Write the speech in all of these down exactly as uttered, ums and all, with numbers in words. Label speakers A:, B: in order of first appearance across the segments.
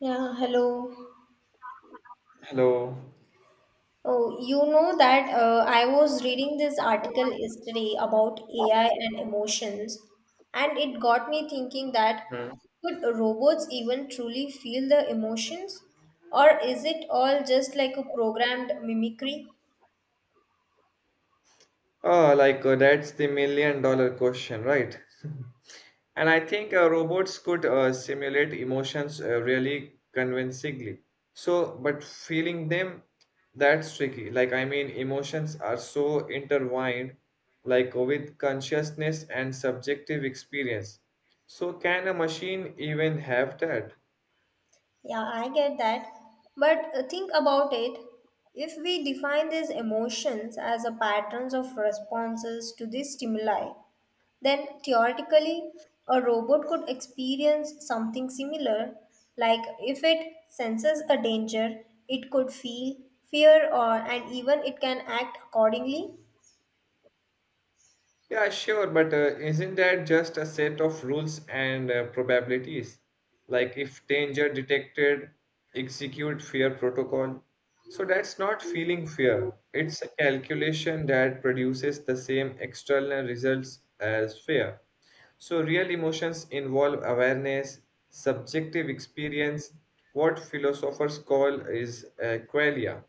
A: Yeah, hello.
B: Hello.
A: Oh, you know that uh, I was reading this article yesterday about A I and emotions, and it got me thinking that
B: Oh,
A: could robots even truly feel the emotions, or is it all just like a programmed mimicry?
B: like uh, that's the million dollar question, right? And I think uh, robots could uh, simulate emotions uh, really convincingly. So, but feeling them, that's tricky. Like, I mean, emotions are so intertwined, like with consciousness and subjective experience. So, can a machine even have that?
A: Yeah, I get that. But uh, think about it. If we define these emotions as a patterns of responses to these stimuli, then theoretically a robot could experience something similar. Like if it senses a danger, it could feel fear or and even it can act accordingly.
B: Yeah, sure, but uh, isn't that just a set of rules and uh, probabilities? Like if danger detected, execute fear protocol. So that's not feeling fear. It's a calculation that produces the same external results as fear. So real emotions involve awareness, subjective experience, what philosophers call is uh, qualia.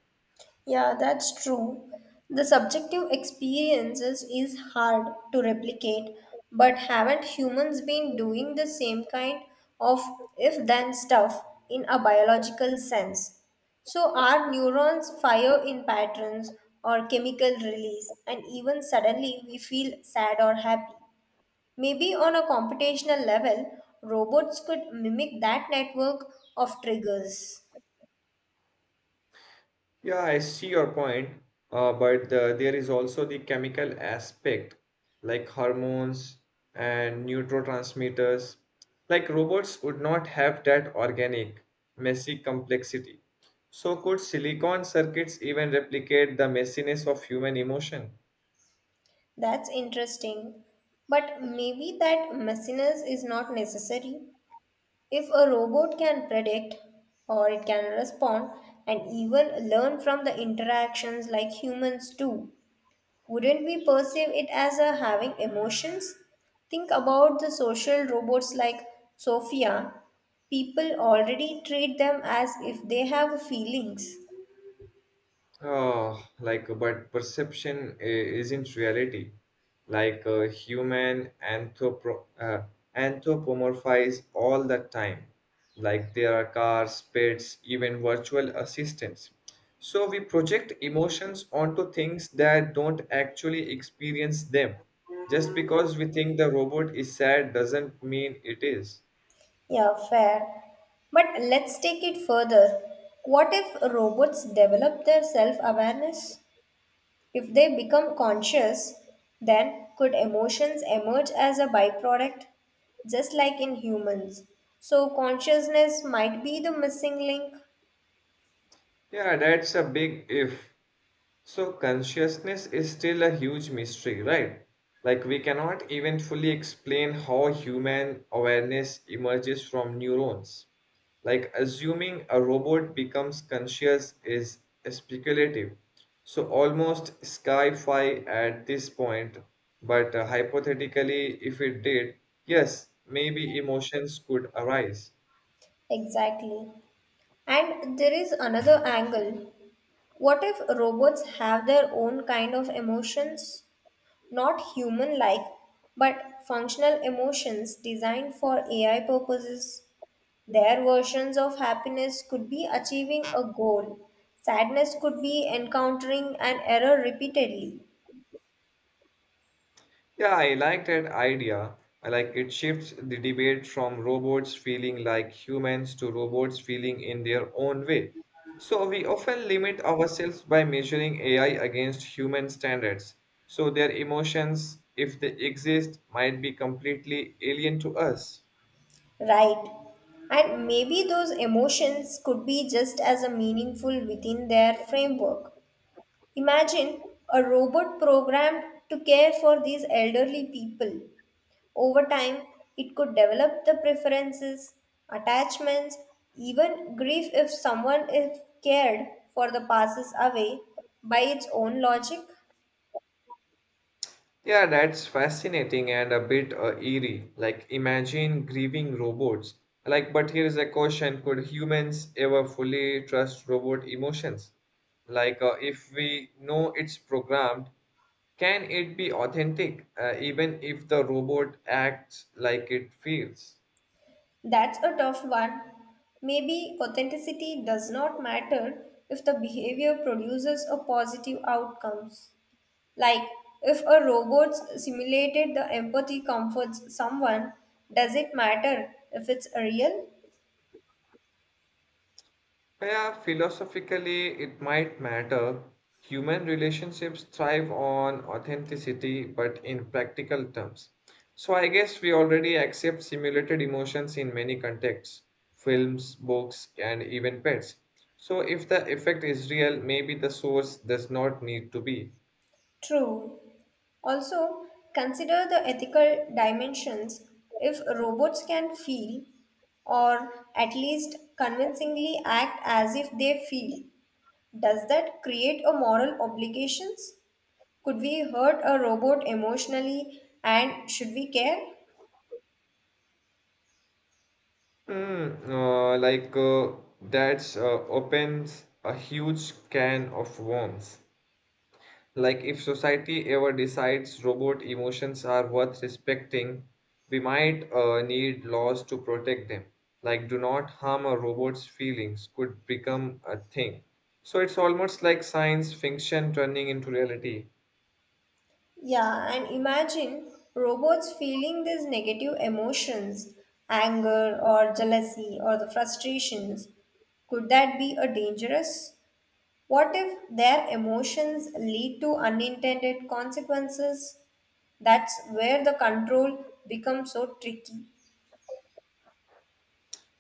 A: Yeah, that's true. The subjective experiences is hard to replicate, but haven't humans been doing the same kind of if then stuff in a biological sense? So, our neurons fire in patterns or chemical release, and even suddenly we feel sad or happy. Maybe on a computational level, robots could mimic that network of triggers.
B: Yeah, I see your point, uh, but uh, there is also the chemical aspect, like hormones and neurotransmitters. Like robots would not have that organic, messy complexity. So, could silicon circuits even replicate the messiness of human emotion?
A: That's interesting. But maybe that messiness is not necessary. If a robot can predict or it can respond and even learn from the interactions like humans do, wouldn't we perceive it as a having emotions? Think about the social robots like Sophia. People already treat them as if they have feelings.
B: Oh, like, but perception i- isn't reality. Like, uh, human anthropo uh, anthropomorphize all the time. Like, there are cars, pets, even virtual assistants. So, we project emotions onto things that don't actually experience them. Just because we think the robot is sad doesn't mean it is.
A: Yeah, fair. But let's take it further. What if robots develop their self awareness? If they become conscious, then could emotions emerge as a byproduct, just like in humans? So, consciousness might be the missing link.
B: Yeah, that's a big if. So consciousness is still a huge mystery, right? Like we cannot even fully explain how human awareness emerges from neurons. Like assuming a robot becomes conscious is speculative. So almost sci-fi at this point, but uh, hypothetically if it did, yes, maybe emotions could arise.
A: Exactly. And there is another angle. What if robots have their own kind of emotions? Not human like, but functional emotions designed for A I purposes. Their versions of happiness could be achieving a goal, sadness could be encountering an error repeatedly,
B: Yeah, I like that idea. I like it shifts the debate from robots feeling like humans to robots feeling in their own way. So we often limit ourselves by measuring A I against human standards. So their emotions, if they exist, might be completely alien to us.
A: right? And maybe those emotions could be just as a meaningful within their framework. Imagine a robot programmed to care for these elderly people. Over time, it could develop the preferences, attachments, even grief if someone is cared for the passes away by its own logic.
B: Yeah, that's fascinating and a bit uh, eerie. Like, imagine grieving robots. Like, but here is a question: Could humans ever fully trust robot emotions? Like, uh, if we know it's programmed, can it be authentic, uh, even if the robot acts like it feels?
A: That's a tough one. Maybe authenticity does not matter if the behavior produces a positive outcomes. Like if a robot simulated the empathy comforts someone, does it matter if it's real?
B: Yeah, philosophically, it might matter. Human relationships thrive on authenticity, but in practical terms. So, I guess we already accept simulated emotions in many contexts films, books, and even pets. So, if the effect is real, maybe the source does not need to be.
A: True. Also, consider the ethical dimensions. If robots can feel, or at least convincingly act as if they feel, does that create a moral obligations? Could we hurt a robot emotionally and should we care?
B: Hmm, uh, like uh, that's uh, opens a huge can of worms. Like, if society ever decides robot emotions are worth respecting, we might uh, need laws to protect them. Like, do not harm a robot's feelings could become a thing. So, it's almost like science fiction turning into reality.
A: Yeah, and imagine robots feeling these negative emotions, anger or jealousy or the frustrations. Could that be a dangerous? What if their emotions lead to unintended consequences? That's where the control becomes so tricky.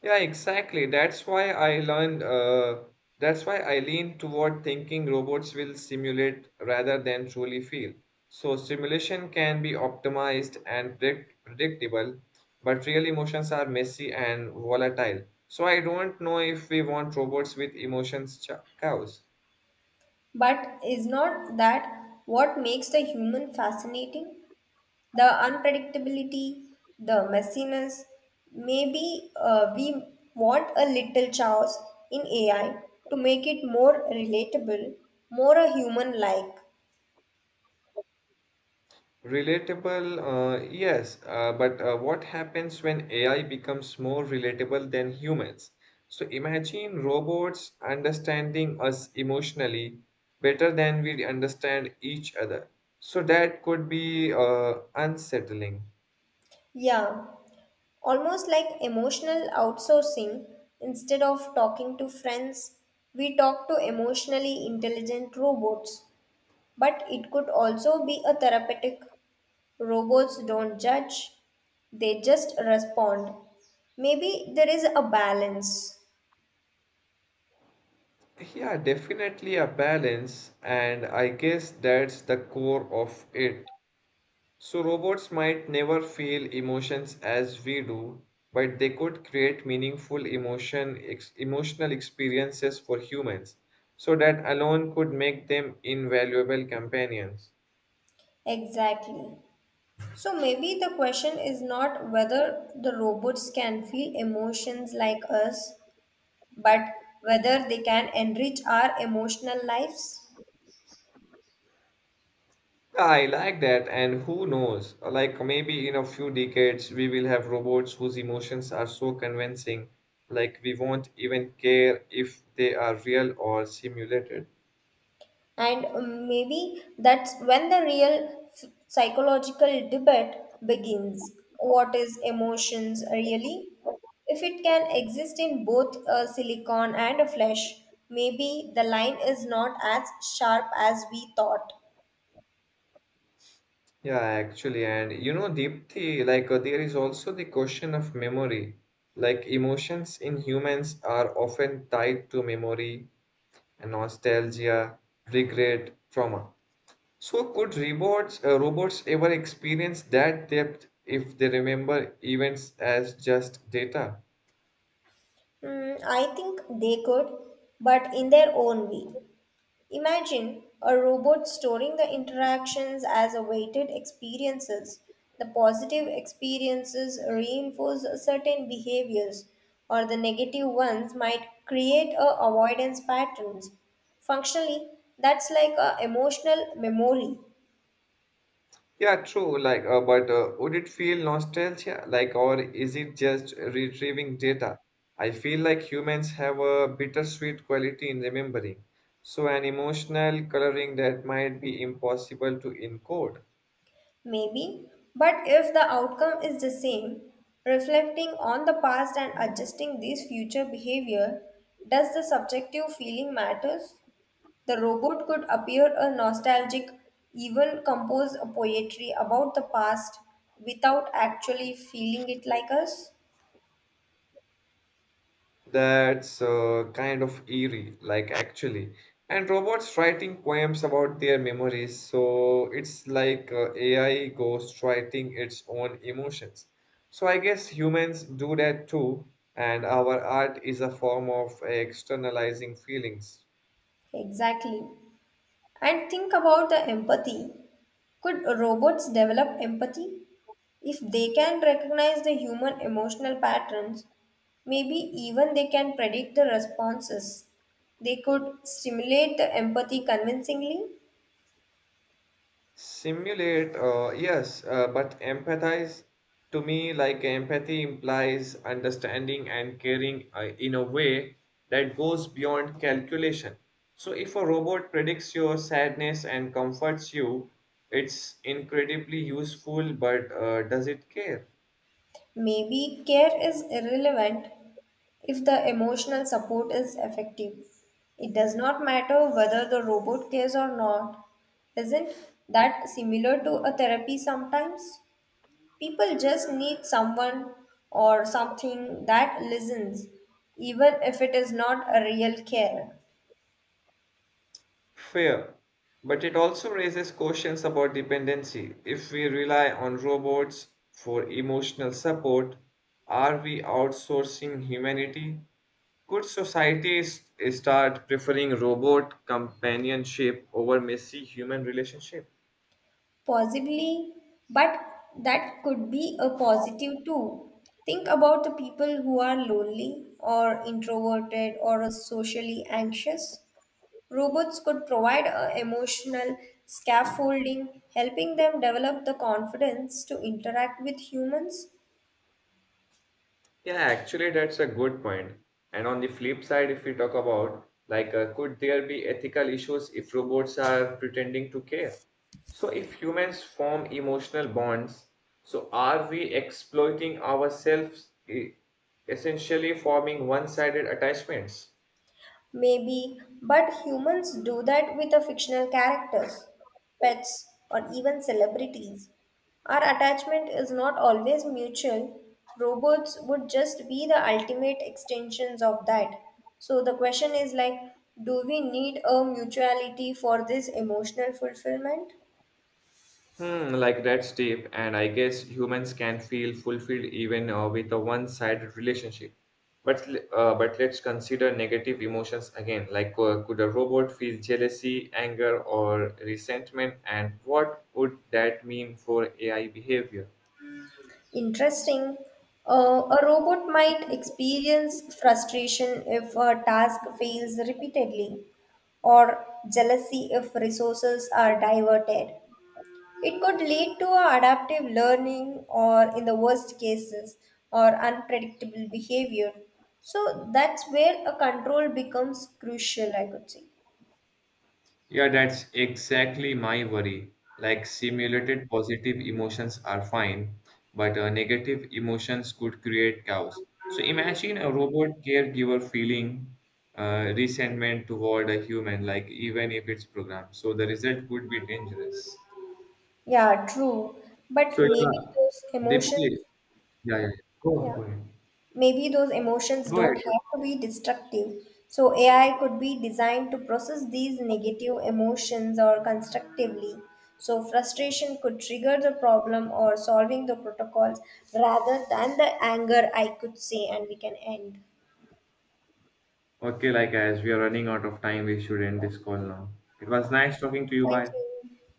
B: Yeah, exactly. That's why I learned, uh, that's why I lean toward thinking robots will simulate rather than truly feel. So, simulation can be optimized and predict- predictable, but real emotions are messy and volatile. So, I don't know if we want robots with emotions, ch- cows.
A: But is not that what makes the human fascinating? The unpredictability, the messiness. Maybe uh, we want a little chaos in A I to make it more relatable, more a human like.
B: Relatable, uh, yes, uh, but uh, what happens when A I becomes more relatable than humans? So imagine robots understanding us emotionally better than we understand each other. So that could be uh, unsettling.
A: Yeah. Almost like emotional outsourcing, instead of talking to friends, we talk to emotionally intelligent robots. But it could also be a therapeutic. Robots don't judge, they just respond. Maybe there is a balance.
B: Yeah, definitely a balance, and I guess that's the core of it. So, robots might never feel emotions as we do, but they could create meaningful emotion, ex- emotional experiences for humans. So, that alone could make them invaluable companions.
A: Exactly. So maybe the question is not whether the robots can feel emotions like us, but whether they can enrich our emotional lives.
B: I like that, and who knows? Like, maybe in a few decades, we will have robots whose emotions are so convincing, like, we won't even care if they are real or simulated.
A: And um, maybe that's when the real f- psychological debate begins. What is emotions really? If it can exist in both a silicon and a flesh, maybe the line is not as sharp as we thought.
B: Yeah, actually, and you know, Deepthi, like uh, there is also the question of memory. Like emotions in humans are often tied to memory and nostalgia, regret, trauma. So could robots, uh, robots ever experience that depth if they remember events as just data?
A: Hmm, I think they could, but in their own way. Imagine a robot storing the interactions as awaited experiences. The positive experiences reinforce certain behaviors, or the negative ones might create a avoidance patterns. Functionally, that's like a emotional memory,
B: Yeah, true. Like, uh, but uh, would it feel nostalgia? Like, or is it just retrieving data? I feel like humans have a bittersweet quality in remembering. So, an emotional coloring that might be impossible to encode.
A: maybe. But if the outcome is the same, reflecting on the past and adjusting this future behavior, does the subjective feeling matters? The robot could appear a nostalgic, even compose a poetry about the past without actually feeling it like us.
B: That's uh, kind of eerie, like actually. And robots writing poems about their memories, so it's like uh, A I ghost writing its own emotions. So I guess humans do that too, and our art is a form of externalizing feelings.
A: Exactly. And think about the empathy. Could robots develop empathy? If they can recognize the human emotional patterns, maybe even they can predict the responses. They could stimulate the empathy convincingly.
B: Simulate, uh, yes, uh, but empathize to me, like empathy implies understanding and caring uh, in a way that goes beyond calculation. So, if a robot predicts your sadness and comforts you, it's incredibly useful, but uh, does it care?
A: Maybe care is irrelevant if the emotional support is effective. It does not matter whether the robot cares or not. Isn't that similar to a therapy sometimes? People just need someone or something that listens, even if it is not a real care.
B: Fair. But it also raises questions about dependency. If we rely on robots for emotional support, are we outsourcing humanity? Could societies start preferring robot companionship over messy human relationship?
A: Possibly, but that could be a positive too. Think about the people who are lonely or introverted or socially anxious. Robots could provide a emotional scaffolding, helping them develop the confidence to interact with humans.
B: Yeah, actually, that's a good point. And on the flip side, if we talk about like, uh, could there be ethical issues if robots are pretending to care? So, if humans form emotional bonds, so are we exploiting ourselves, e- essentially forming one sided attachments?
A: Maybe, but humans do that with the fictional characters, pets, or even celebrities. Our attachment is not always mutual. Robots would just be the ultimate extensions of that. So the question is like, do we need a mutuality for this emotional fulfillment?
B: Hmm, like that's deep, and I guess humans can feel fulfilled even uh, with a one-sided relationship. But l- uh, but let's consider negative emotions again. Like, uh, could a robot feel jealousy, anger, or resentment, and what would that mean for A I behavior?
A: Interesting. Uh, a robot might experience frustration if a task fails repeatedly, or jealousy if resources are diverted. It could lead to a adaptive learning, or in the worst cases, or unpredictable behavior. So that's where a control becomes crucial, I could say.
B: Yeah, that's exactly my worry. Like simulated positive emotions are fine, but uh, negative emotions could create chaos. So imagine a robot caregiver feeling uh, resentment toward a human, like even if it's programmed. So the result could be dangerous.
A: Yeah, true.
B: So
A: But maybe
B: yeah,
A: those
B: they
A: emotions,
B: play. Yeah, yeah. Go,
A: yeah.
B: go ahead.
A: Maybe those emotions
B: Go ahead,
A: don't
B: go
A: have to be destructive. So A I could be designed to process these negative emotions or constructively. So frustration could trigger the problem or solving the protocols rather than the anger I could say and we can end.
B: ahead. Okay, like as we are running out of time. We should end this call now. It was nice talking to you.
A: Thank
B: Bye.
A: you.